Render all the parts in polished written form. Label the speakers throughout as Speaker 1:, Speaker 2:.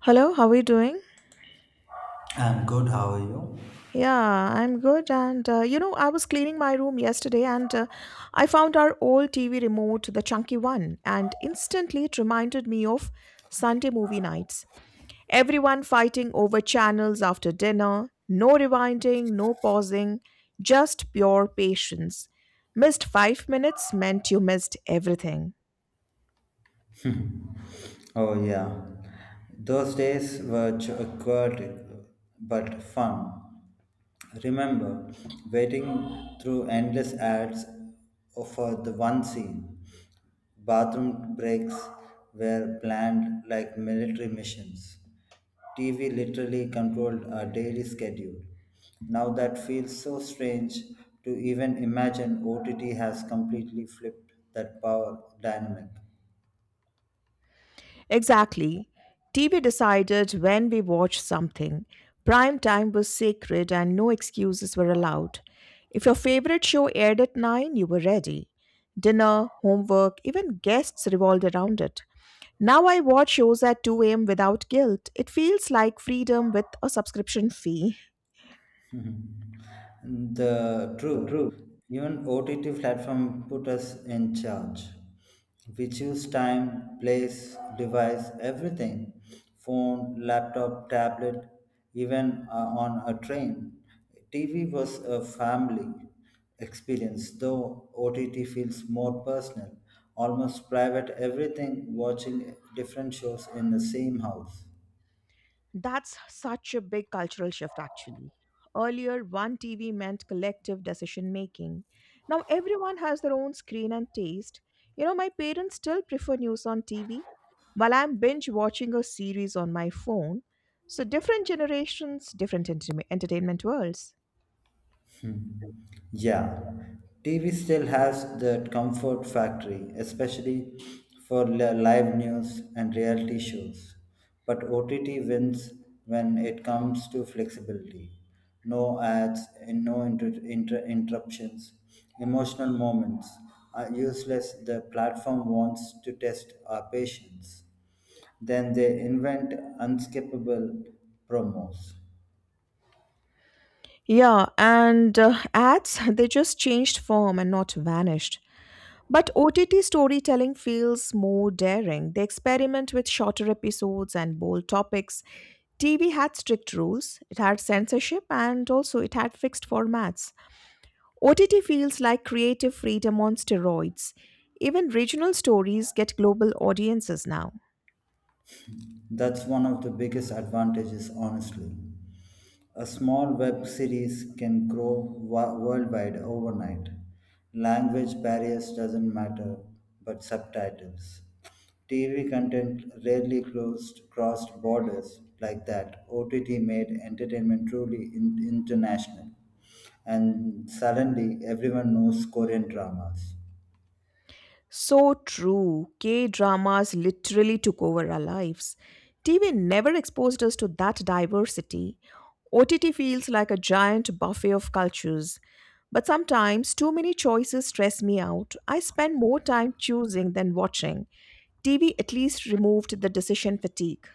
Speaker 1: Hello, how are you doing?
Speaker 2: I'm good. How are you?
Speaker 1: Yeah, I'm good. And I was cleaning my room yesterday and I found our old TV remote, the chunky one, and instantly it reminded me of Sunday movie nights. Everyone fighting over channels after dinner, no rewinding, no pausing, just pure patience. Missed 5 minutes meant you missed everything.
Speaker 2: Oh, yeah. Those days were chaotic but fun. Remember waiting through endless ads for the one scene. Bathroom breaks were planned like military missions. TV literally controlled our daily schedule. Now that feels so strange to even imagine OTT has completely flipped that power dynamic.
Speaker 1: Exactly. TV decided when we watched something. Prime time was sacred and no excuses were allowed. If your favorite show aired at 9, you were ready. Dinner, homework, even guests revolved around it. Now I watch shows at 2 a.m. without guilt. It feels like freedom with a subscription fee.
Speaker 2: Hmm. The true, even OTT platform put us in charge. We choose time, place, device, everything. Phone, laptop, tablet, even on a train. TV was a family experience, though OTT feels more personal, almost private, everything watching different shows in the same house.
Speaker 1: That's such a big cultural shift, actually. Earlier, one TV meant collective decision making. Now, everyone has their own screen and taste. My parents still prefer news on TV while I'm binge watching a series on my phone. So, different generations, different entertainment worlds.
Speaker 2: Hmm. Yeah, TV still has that comfort factory, especially for live news and reality shows. But OTT wins when it comes to flexibility. No ads and no interruptions, emotional moments are useless. The platform wants to test our patience. Then they invent unskippable promos.
Speaker 1: Yeah, and ads, they just changed form and not vanished. But OTT storytelling feels more daring. They experiment with shorter episodes and bold topics. TV had strict rules, it had censorship, and also it had fixed formats. OTT feels like creative freedom on steroids. Even regional stories get global audiences now.
Speaker 2: That's one of the biggest advantages, honestly. A small web series can grow worldwide overnight. Language barriers doesn't matter, but subtitles. TV content rarely closed, crossed borders like that. OTT made entertainment truly international. And suddenly, everyone knows Korean dramas.
Speaker 1: So true. K dramas literally took over our lives. TV never exposed us to that diversity. OTT feels like a giant buffet of cultures. But sometimes too many choices stress me out. I spend more time choosing than watching. TV at least removed the decision fatigue.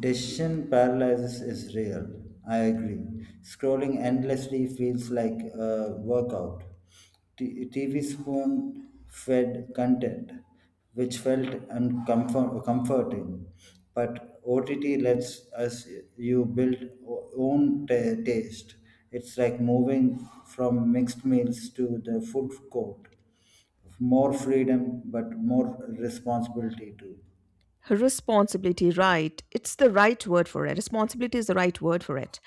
Speaker 2: Decision paralysis is real. I agree. Scrolling endlessly feels like a workout. TV spoon fed content, which felt comforting, but OTT lets us you build own taste. It's like moving from mixed meals to the food court. More freedom, but more responsibility too.
Speaker 1: Responsibility, right. It's the right word for it. Responsibility is the right word for it.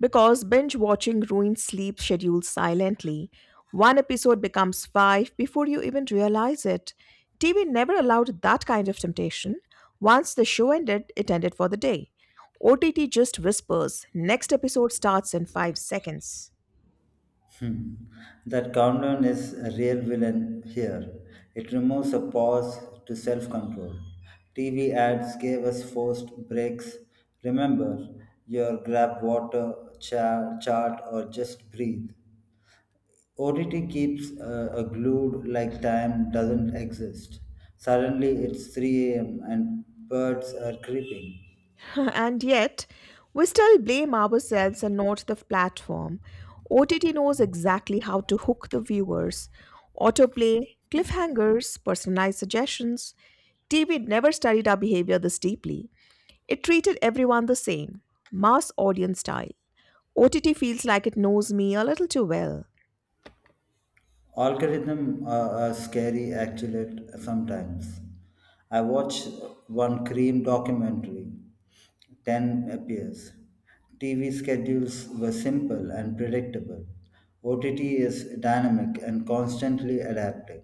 Speaker 1: Because binge watching ruins sleep schedules silently. One episode becomes five before you even realize it. TV never allowed that kind of temptation. Once the show ended, it ended for the day. OTT just whispers, next episode starts in 5 seconds.
Speaker 2: Hmm. That countdown is a real villain here. It removes a pause to self control. TV ads gave us forced breaks. Remember your grab water, chart, or just breathe. ODT keeps a glued like time doesn't exist. Suddenly it's 3 a.m. and birds are creeping.
Speaker 1: And yet, we still blame ourselves and not the platform. OTT knows exactly how to hook the viewers. Autoplay, cliffhangers, personalized suggestions. TV never studied our behavior this deeply. It treated everyone the same, mass audience style. OTT feels like it knows me a little too well.
Speaker 2: Algorithm are scary actually sometimes. I watched one cream documentary. 10 appears. TV schedules were simple and predictable. OTT is dynamic and constantly adapting.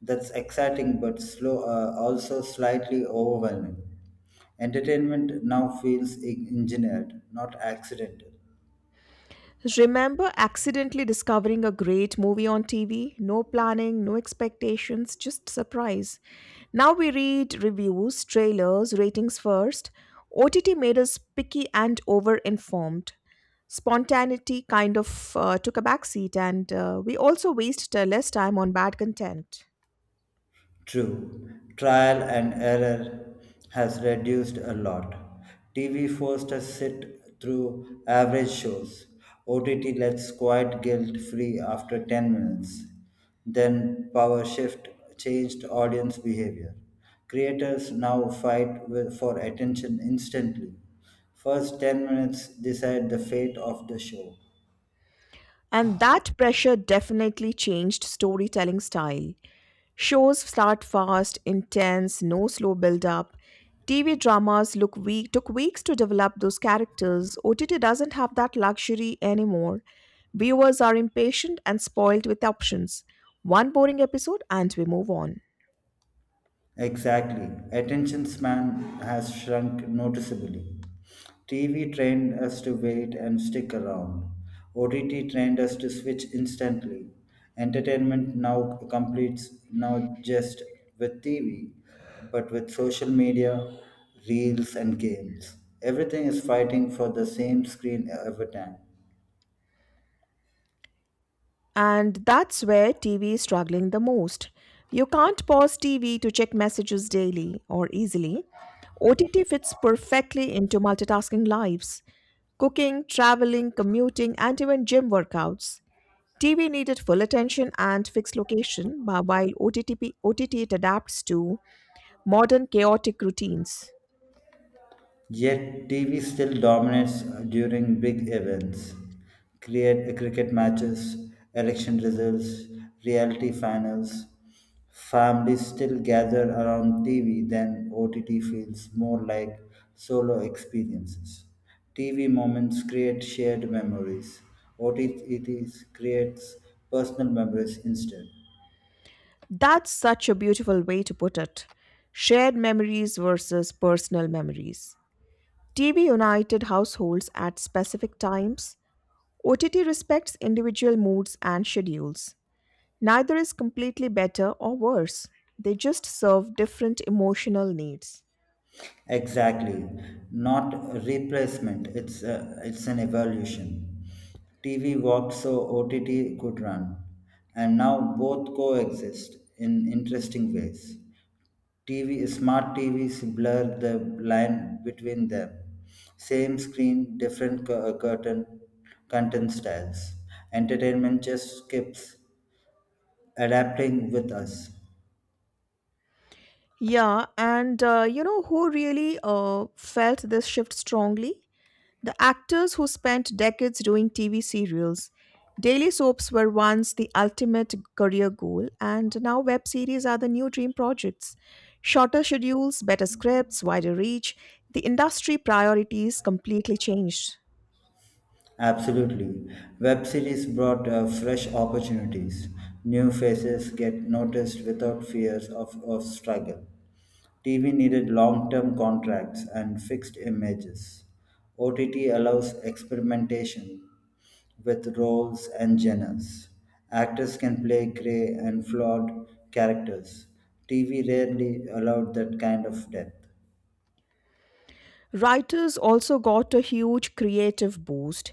Speaker 2: That's exciting but slow, also slightly overwhelming. Entertainment now feels engineered, not accidental.
Speaker 1: Remember accidentally discovering a great movie on TV? No planning, no expectations, just surprise. Now we read reviews, trailers, ratings first. OTT made us picky and over-informed. Spontaneity kind of took a backseat, and we also waste less time on bad content.
Speaker 2: True, trial and error has reduced a lot. TV forced us sit through average shows. OTT lets quiet guilt free after 10 minutes. Then power shift changed audience behavior. Creators now fight for attention instantly. First 10 minutes decide the fate of the show.
Speaker 1: And that pressure definitely changed storytelling style. Shows start fast, intense, no slow build up. TV dramas look weak, took weeks to develop those characters. OTT doesn't have that luxury anymore. Viewers are impatient and spoiled with options. One boring episode and we move on.
Speaker 2: Exactly. Attention span has shrunk noticeably. TV trained us to wait and stick around. OTT trained us to switch instantly. Entertainment now completes not just with TV, but with social media, reels, and games. Everything is fighting for the same screen every time.
Speaker 1: And that's where TV is struggling the most. You can't pause TV to check messages daily or easily. OTT fits perfectly into multitasking lives cooking, traveling, commuting, and even gym workouts. TV needed full attention and fixed location, but while OTT, it adapts to modern chaotic routines.
Speaker 2: Yet, TV still dominates during big events, cricket matches, election results, reality finals. Families still gather around TV, then OTT feels more like solo experiences. TV moments create shared memories. OTT creates personal memories instead.
Speaker 1: That's such a beautiful way to put it. Shared memories versus personal memories. TV united households at specific times. OTT respects individual moods and schedules. Neither is completely better or worse, they just serve different emotional needs.
Speaker 2: Exactly, not a replacement. It's an evolution. TV walked so OTT could run, and now both coexist in interesting ways. TV smart TVs blur the line between them. Same screen, different curtain, content styles. Entertainment just keeps adapting with us.
Speaker 1: Yeah, and you know who really felt this shift strongly? The actors who spent decades doing TV serials, daily soaps were once the ultimate career goal, and now web series are the new dream projects. Shorter schedules, better scripts, wider reach, the industry priorities completely changed.
Speaker 2: Absolutely. Web series brought fresh opportunities. New faces get noticed without fears of struggle. TV needed long term contracts and fixed images. OTT allows experimentation with roles and genres. Actors can play grey and flawed characters. TV rarely allowed that kind of depth.
Speaker 1: Writers also got a huge creative boost.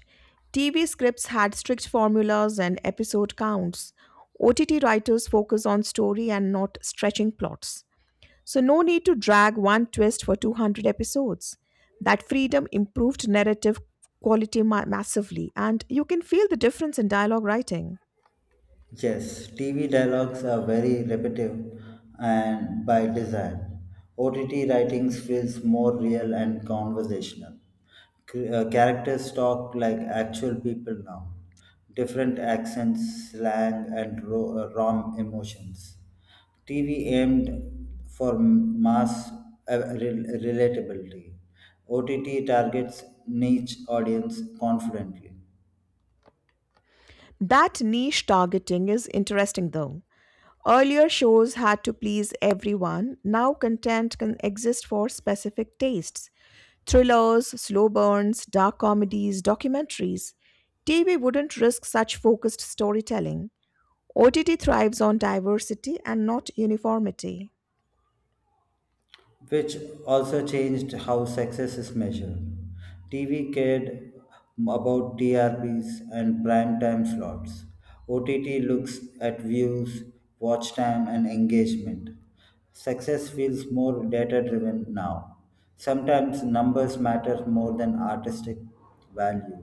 Speaker 1: TV scripts had strict formulas and episode counts. OTT writers focus on story and not stretching plots. So, no need to drag one twist for 200 episodes. That freedom improved narrative quality massively, and you can feel the difference in dialogue writing.
Speaker 2: Yes, TV dialogues are very repetitive and by design. OTT writings feels more real and conversational. Characters talk like actual people now. Different accents, slang, and raw emotions. TV aimed for mass relatability. OTT targets niche audience confidently.
Speaker 1: That niche targeting is interesting though. Earlier shows had to please everyone, now content can exist for specific tastes thrillers, slow burns, dark comedies, documentaries. TV wouldn't risk such focused storytelling. OTT thrives on diversity and not uniformity.
Speaker 2: Which also changed how success is measured. TV cared about TRPs and prime time slots. OTT looks at views, watch time, and engagement. Success feels more data driven now. Sometimes numbers matter more than artistic value.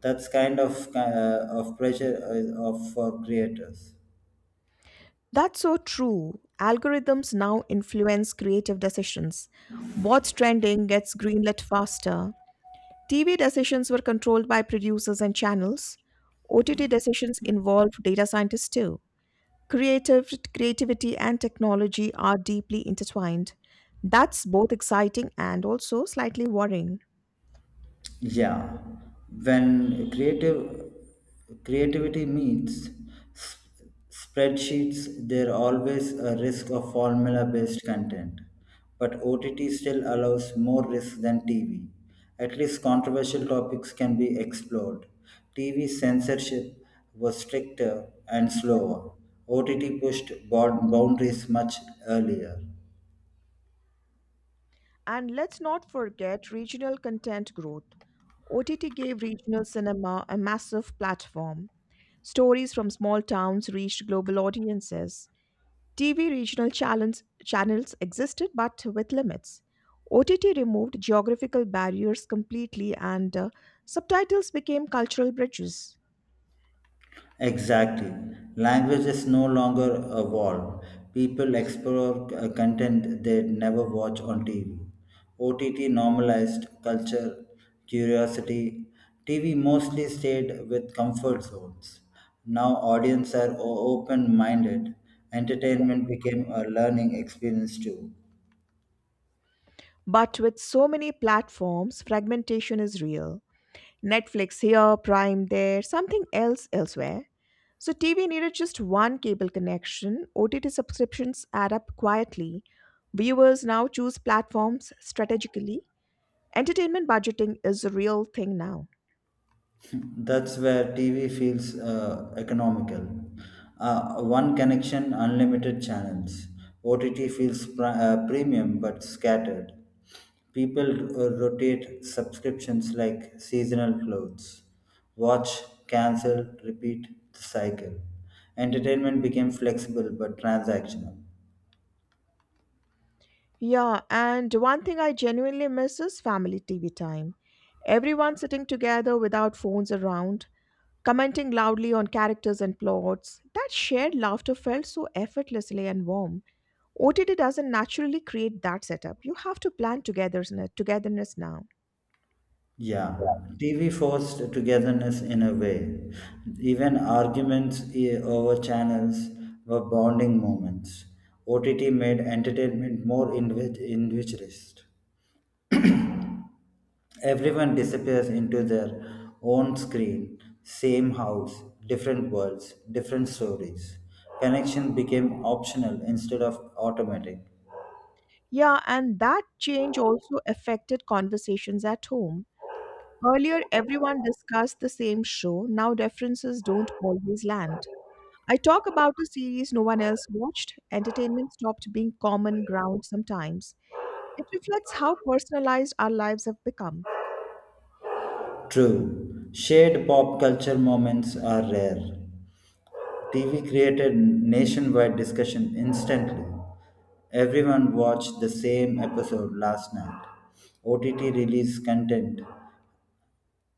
Speaker 2: That's kind of pressure of for creators.
Speaker 1: That's so true. Algorithms now influence creative decisions. What's trending gets greenlit faster. TV decisions were controlled by producers and channels. OTT decisions involved data scientists too. Creative Creativity and technology are deeply intertwined. That's both exciting and also slightly worrying.
Speaker 2: Yeah, when creative creativity meets s- spreadsheets, there always a risk of formula-based content, but OTT still allows more risk than TV. At least controversial topics can be explored. TV censorship was stricter and slower. OTT pushed boundaries much earlier.
Speaker 1: And let's not forget regional content growth. OTT gave regional cinema a massive platform. Stories from small towns reached global audiences. TV regional channels existed but with limits. OTT removed geographical barriers completely and subtitles became cultural bridges.
Speaker 2: Exactly. Language is no longer a wall. People explore content they'd never watch on TV. OTT normalized culture, curiosity. TV mostly stayed with comfort zones. Now audiences are open minded. Entertainment became a learning experience too.
Speaker 1: But with so many platforms, fragmentation is real. Netflix here, Prime there, something else elsewhere. So TV needed just one cable connection. OTT subscriptions add up quietly. Viewers now choose platforms strategically. Entertainment budgeting is a real thing now.
Speaker 2: That's where TV feels economical. One connection, unlimited channels. OTT feels premium but scattered. People rotate subscriptions like seasonal clothes. Watch, cancel, repeat the cycle. Entertainment became flexible but transactional.
Speaker 1: Yeah, and one thing I genuinely miss is family TV time. Everyone sitting together without phones around, commenting loudly on characters and plots. That shared laughter felt so effortlessly and warm. OTT doesn't naturally create that setup. You have to plan togetherness now.
Speaker 2: Yeah, TV forced togetherness in a way. Even arguments over channels were bonding moments. OTT made entertainment more enriched. Everyone disappears into their own screen, same house, different worlds, different stories. Connection became optional instead of automatic.
Speaker 1: Yeah, and that change also affected conversations at home. Earlier, everyone discussed the same show. Now, references don't always land. I talk about a series no one else watched. Entertainment stopped being common ground sometimes. It reflects how personalized our lives have become.
Speaker 2: True, shared pop culture moments are rare. TV created nationwide discussion instantly. Everyone watched the same episode last night. OTT released content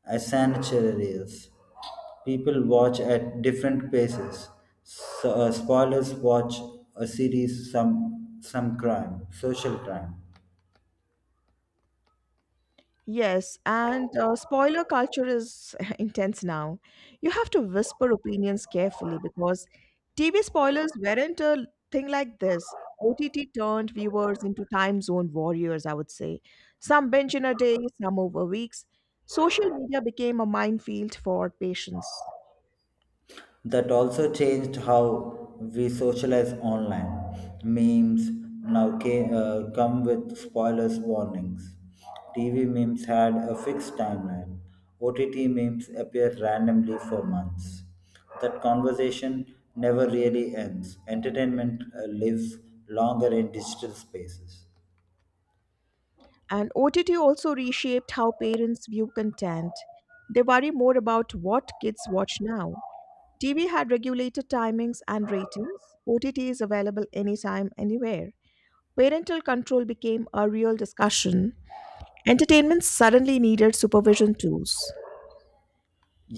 Speaker 2: as sanitarians. People watch at different paces. So, spoilers watch a series, some crime, social crime.
Speaker 1: Yes, and spoiler culture is intense now. You have to whisper opinions carefully because TV spoilers weren't a thing like this. OTT turned viewers into time zone warriors, I would say. Some binge in a day, some over weeks. Social media became a minefield for patience.
Speaker 2: That also changed how we socialize online. Memes now come with spoilers warnings. TV memes had a fixed timeline. OTT memes appear randomly for months. That conversation never really ends. Entertainment lives longer in digital spaces.
Speaker 1: And OTT also reshaped how parents view content. They worry more about what kids watch now. TV had regulated timings and ratings. OTT is available anytime, anywhere. Parental control became a real discussion. Entertainment suddenly needed supervision tools.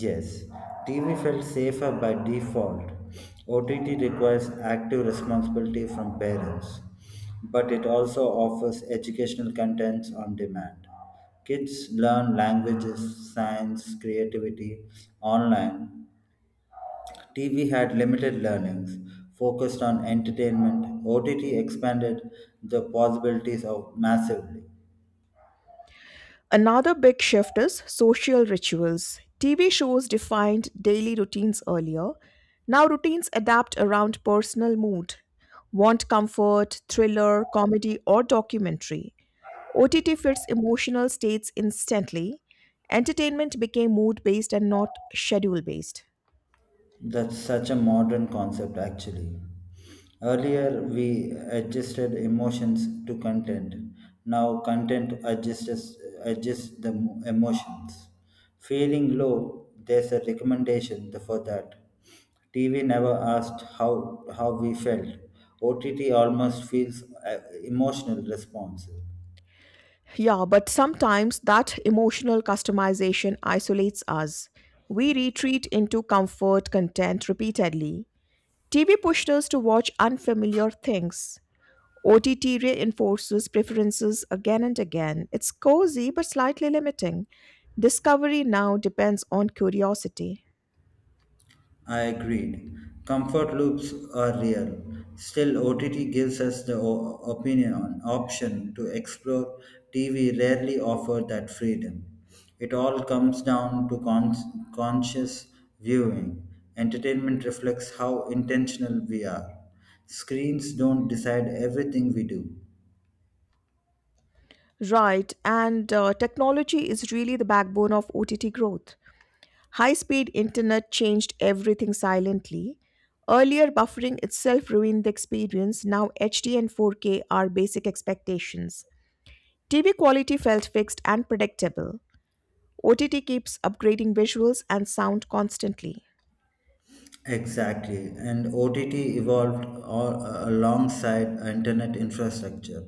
Speaker 2: Yes, TV felt safer by default. OTT requires active responsibility from parents, but it also offers educational contents on demand. Kids learn languages, science, creativity online. TV had limited learnings, focused on entertainment. OTT expanded the possibilities of massively.
Speaker 1: Another big shift is social rituals. TV shows defined daily routines earlier. Now routines adapt around personal mood. Want comfort, thriller, comedy, or documentary. OTT fits emotional states instantly. Entertainment became mood based and not schedule based.
Speaker 2: That's such a modern concept, actually. Earlier, we adjusted emotions to content. Now, content adjusts the emotions. Feeling low, there's a recommendation for that. TV never asked how we felt. OTT almost feels emotional responsive.
Speaker 1: Yeah, but sometimes that emotional customization isolates us. We retreat into comfort content repeatedly. TV pushed us to watch unfamiliar things. OTT reinforces preferences again and again. It's cozy but slightly limiting. Discovery now depends on curiosity.
Speaker 2: I agreed. Comfort loops are real. Still, OTT gives us the o- opinion on option to explore. TV rarely offer that freedom. It all comes down to conscious viewing. Entertainment reflects how intentional we are. Screens don't decide everything we do.
Speaker 1: Right, and technology is really the backbone of OTT growth. High speed internet changed everything silently. Earlier, buffering itself ruined the experience. Now, HD and 4K are basic expectations. TV quality felt fixed and predictable. OTT keeps upgrading visuals and sound constantly.
Speaker 2: Exactly, and OTT evolved alongside internet infrastructure.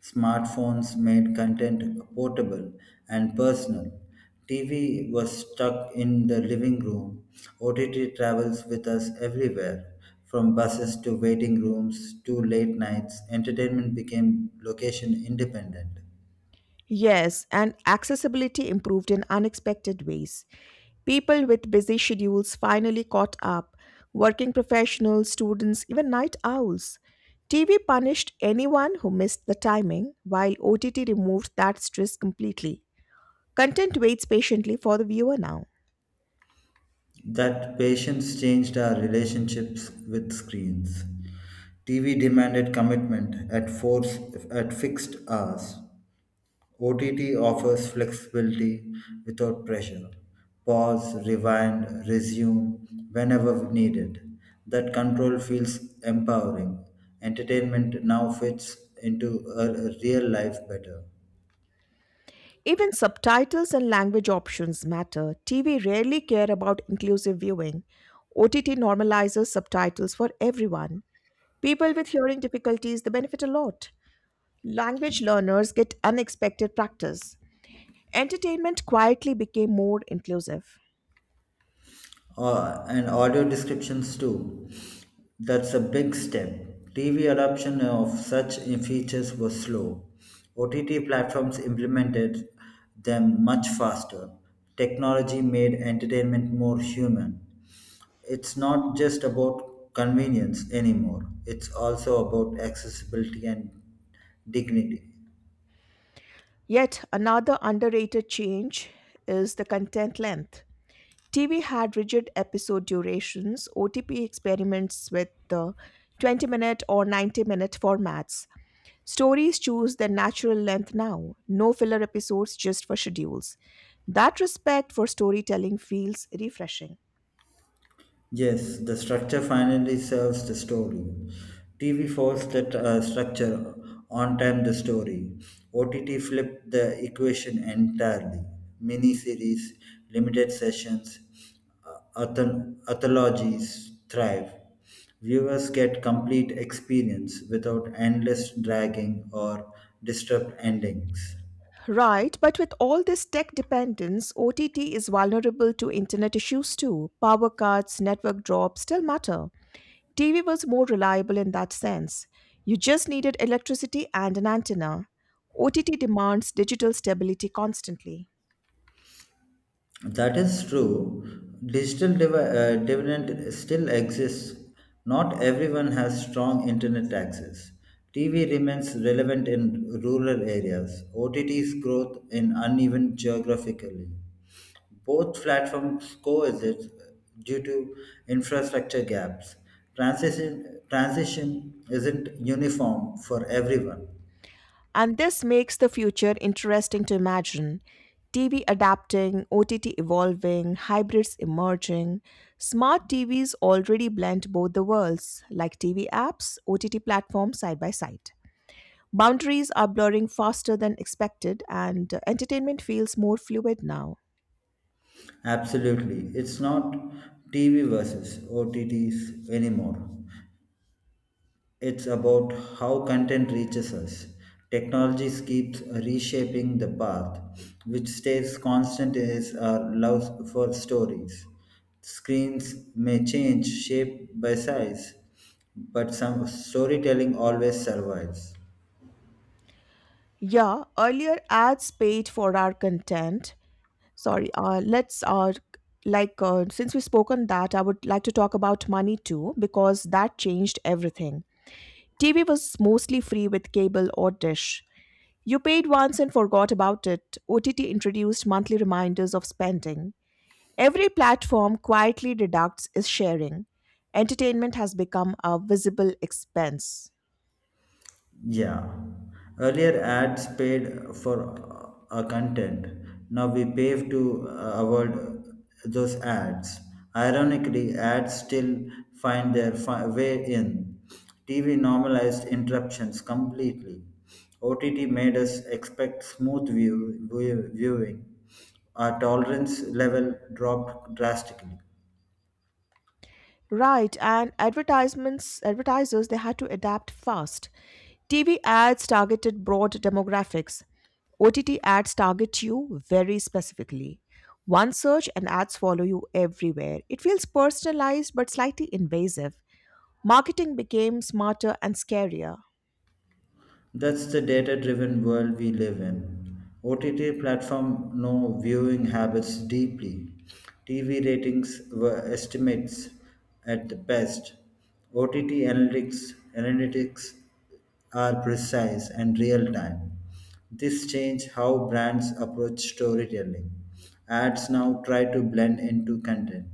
Speaker 2: Smartphones made content portable and personal. TV was stuck in the living room. OTT travels with us everywhere, from buses to waiting rooms to late nights. Entertainment became location independent.
Speaker 1: Yes, and accessibility improved in unexpected ways. People with busy schedules finally caught up, working professionals, students, even night owls. TV punished anyone who missed the timing, while OTT removed that stress completely. Content waits patiently for the viewer now.
Speaker 2: That patience changed our relationships with screens. TV demanded commitment at force at fixed hours. OTT offers flexibility without pressure. Pause, rewind, resume whenever needed. That control feels empowering. Entertainment now fits into a real life better.
Speaker 1: Even subtitles and language options matter. TV rarely care about inclusive viewing. OTT normalizes subtitles for everyone. People with hearing difficulties they benefit a lot. Language learners get unexpected practice. Entertainment quietly became more inclusive.
Speaker 2: And audio descriptions too. That's a big step. TV adoption of such features was slow. OTT platforms implemented them much faster. Technology made entertainment more human. It's not just about convenience anymore, it's also about accessibility and dignity.
Speaker 1: Yet another underrated change is the content length. TV had rigid episode durations, OTP experiments with the 20 minute or 90-minute formats. Stories choose their natural length now, no filler episodes just for schedules. That respect for storytelling feels refreshing.
Speaker 2: Yes, the structure finally serves the story. TV forced that structure on time the story. OTT flipped the equation entirely. Miniseries, limited sessions, uh, anthologies thrive. Viewers get complete experience without endless dragging or disturbed endings.
Speaker 1: Right, but with all this tech dependence, OTT is vulnerable to internet issues too. Power cuts, network drops still matter. TV was more reliable in that sense. You just needed electricity and an antenna. OTT demands digital stability constantly.
Speaker 2: That is true. Digital dividend still exists. Not everyone has strong internet access. TV remains relevant in rural areas. OTT's growth in uneven geographically. Both platforms coexist due to infrastructure gaps. Transition isn't uniform for everyone.
Speaker 1: And this makes the future interesting to imagine. TV adapting, OTT evolving, hybrids emerging. Smart TVs already blend both the worlds, like TV apps, OTT platforms side by side. Boundaries are blurring faster than expected, and entertainment feels more fluid now.
Speaker 2: Absolutely. It's not TV versus OTTs anymore. It's about how content reaches us. Technology keeps reshaping the path, which stays constant is our love for stories. Screens may change shape by size, but some storytelling always survives.
Speaker 1: Yeah, earlier ads paid for our content. Sorry, let's like since we've spoken that, I would like to talk about money too because that changed everything. TV was mostly free with cable or dish. You paid once and forgot about it. OTT introduced monthly reminders of spending. Every platform quietly deducts is sharing. Entertainment has become a visible expense.
Speaker 2: Yeah. Earlier ads paid for a content. Now we pay to avoid those ads. Ironically, ads still find their way in. TV normalized interruptions completely. OTT made us expect smooth viewing. Our tolerance level dropped drastically.
Speaker 1: Right, and advertisements advertisers they had to adapt fast. TV ads targeted broad demographics. OTT ads target you very specifically. One search and ads follow you everywhere. It feels personalized but slightly invasive. Marketing became smarter and scarier.
Speaker 2: That's the data driven world we live in. OTT platform know viewing habits deeply. TV ratings were estimates at the best. OTT analytics are precise and real time. This change how brands approach storytelling. Ads now try to blend into content.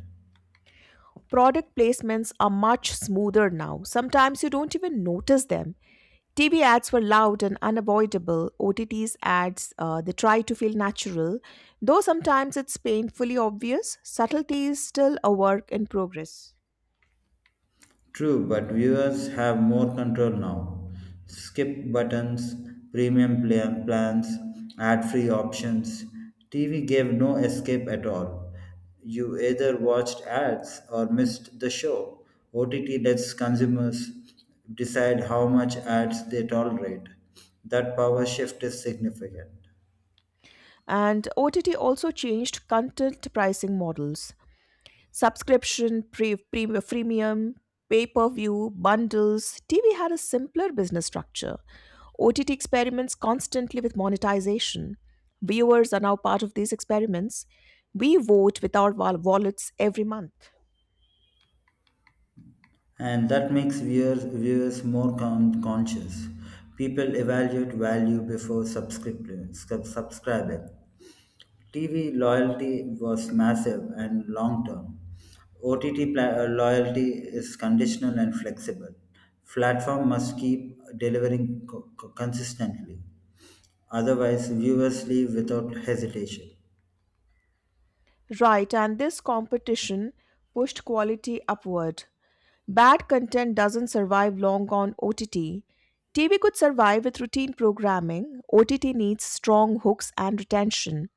Speaker 1: Product placements are much smoother now. Sometimes you don't even notice them. TV ads were loud and unavoidable. OTT's ads, they try to feel natural. Though sometimes it's painfully obvious, subtlety is still a work in progress.
Speaker 2: True, but viewers have more control now. Skip buttons, premium plans, ad free options. TV gave no escape at all. You either watched ads or missed the show. OTT lets consumers decide how much ads they tolerate. That power shift is significant
Speaker 1: And OTT also changed content pricing models. Subscription, freemium, pay per view, bundles. TV had a simpler business structure. OTT experiments constantly with monetization. Viewers are now part of these experiments. We vote with our wallets every month.
Speaker 2: and that makes viewers more conscious. People evaluate value before subscribing. TV loyalty was massive and long term. OTT loyalty is conditional and flexible. Platform must keep delivering consistently. Otherwise, viewers leave without hesitation.
Speaker 1: Right, and this competition pushed quality upward. Bad content doesn't survive long on OTT. TV could survive with routine programming. OTT needs strong hooks and retention.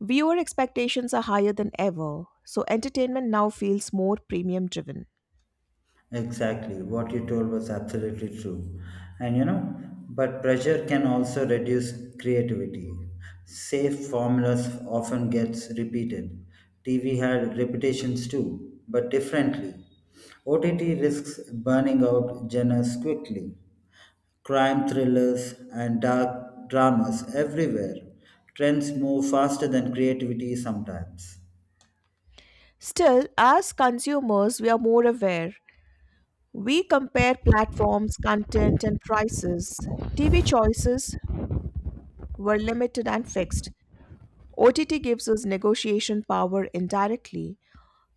Speaker 1: Viewer expectations are higher than ever, so entertainment now feels more premium driven.
Speaker 2: Exactly. What you told was absolutely true. And but pressure can also reduce creativity. Safe formulas often gets repeated. TV had repetitions too, but differently. OTT risks burning out genres quickly. Crime thrillers and dark dramas everywhere. Trends move faster than creativity sometimes.
Speaker 1: Still, as consumers, we are more aware. We compare platforms, content, and prices. TV choices were limited and fixed. OTT gives us negotiation power indirectly.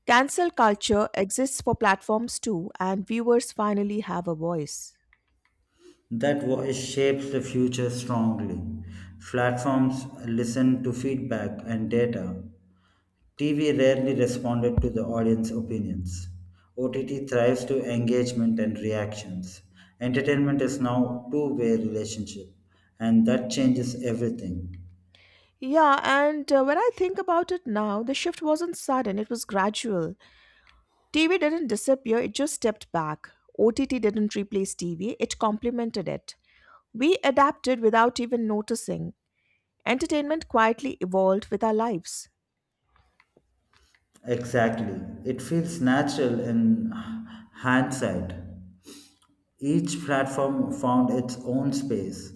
Speaker 1: Cancel culture exists for platforms too, and viewers finally have a voice.
Speaker 2: That voice shapes the future strongly. Platforms listen to feedback and data. TV rarely responded to the audience opinions. OTT thrives to engagement and reactions. Entertainment is now a two-way relationship and that changes everything.
Speaker 1: Yeah, and when I think about it now, the shift wasn't sudden, it was gradual. TV didn't disappear, it just stepped back. OTT didn't replace TV, it complemented it. We adapted without even noticing. Entertainment quietly evolved with our lives.
Speaker 2: Exactly. It feels natural in hindsight. Each platform found its own space.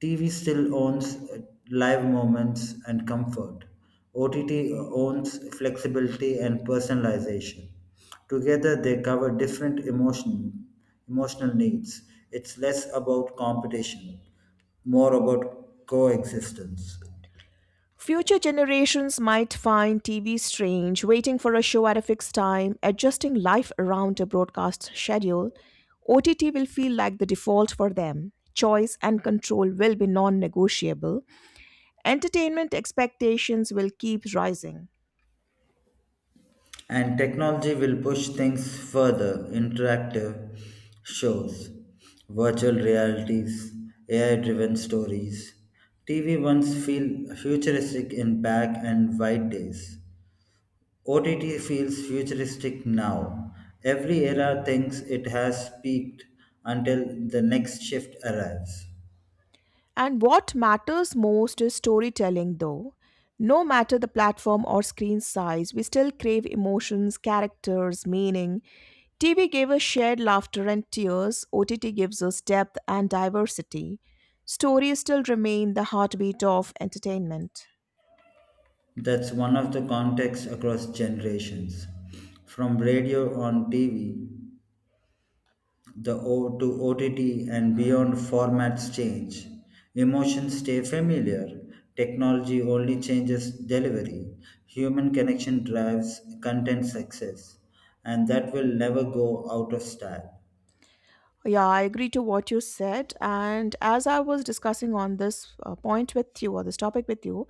Speaker 2: TV still owns live moments and comfort. OTT owns flexibility and personalization. Together, they cover different emotional needs. It's less about competition, more about coexistence.
Speaker 1: Future generations might find TV strange, waiting for a show at a fixed time, adjusting life around a broadcast schedule. OTT will feel like the default for them. Choice and control will be non negotiable. Entertainment expectations will keep rising.
Speaker 2: And technology will push things further interactive shows, virtual realities, AI driven stories. TV once feel futuristic in back and white days. OTT feels futuristic now. Every era thinks it has peaked until the next shift arrives.
Speaker 1: And what matters most is storytelling, though. No matter the platform or screen size, we still crave emotions, characters, meaning. TV gave us shared laughter and tears, OTT gives us depth and diversity. Stories still remain the heartbeat of entertainment.
Speaker 2: That's one of the contexts across generations. From radio on TV the O to OTT and beyond formats change. Emotions stay familiar. Technology only changes delivery. Human connection drives content success. And that will never go out of style.
Speaker 1: Yeah, I agree to what you said. And as I was discussing on this point with you or this topic with you,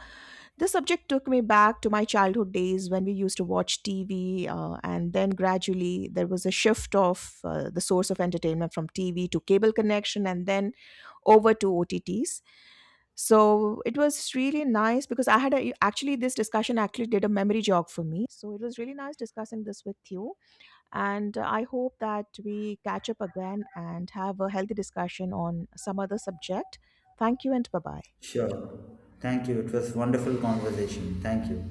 Speaker 1: this subject took me back to my childhood days when we used to watch TV, and then gradually there was a shift of the source of entertainment from TV to cable connection and then over to OTTs. So it was really nice because I actually this discussion actually did a memory jog for me. So it was really nice discussing this with you. And I hope that we catch up again and have a healthy discussion on some other subject. Thank you and bye bye.
Speaker 2: Sure. Thank you. It was wonderful conversation. Thank you.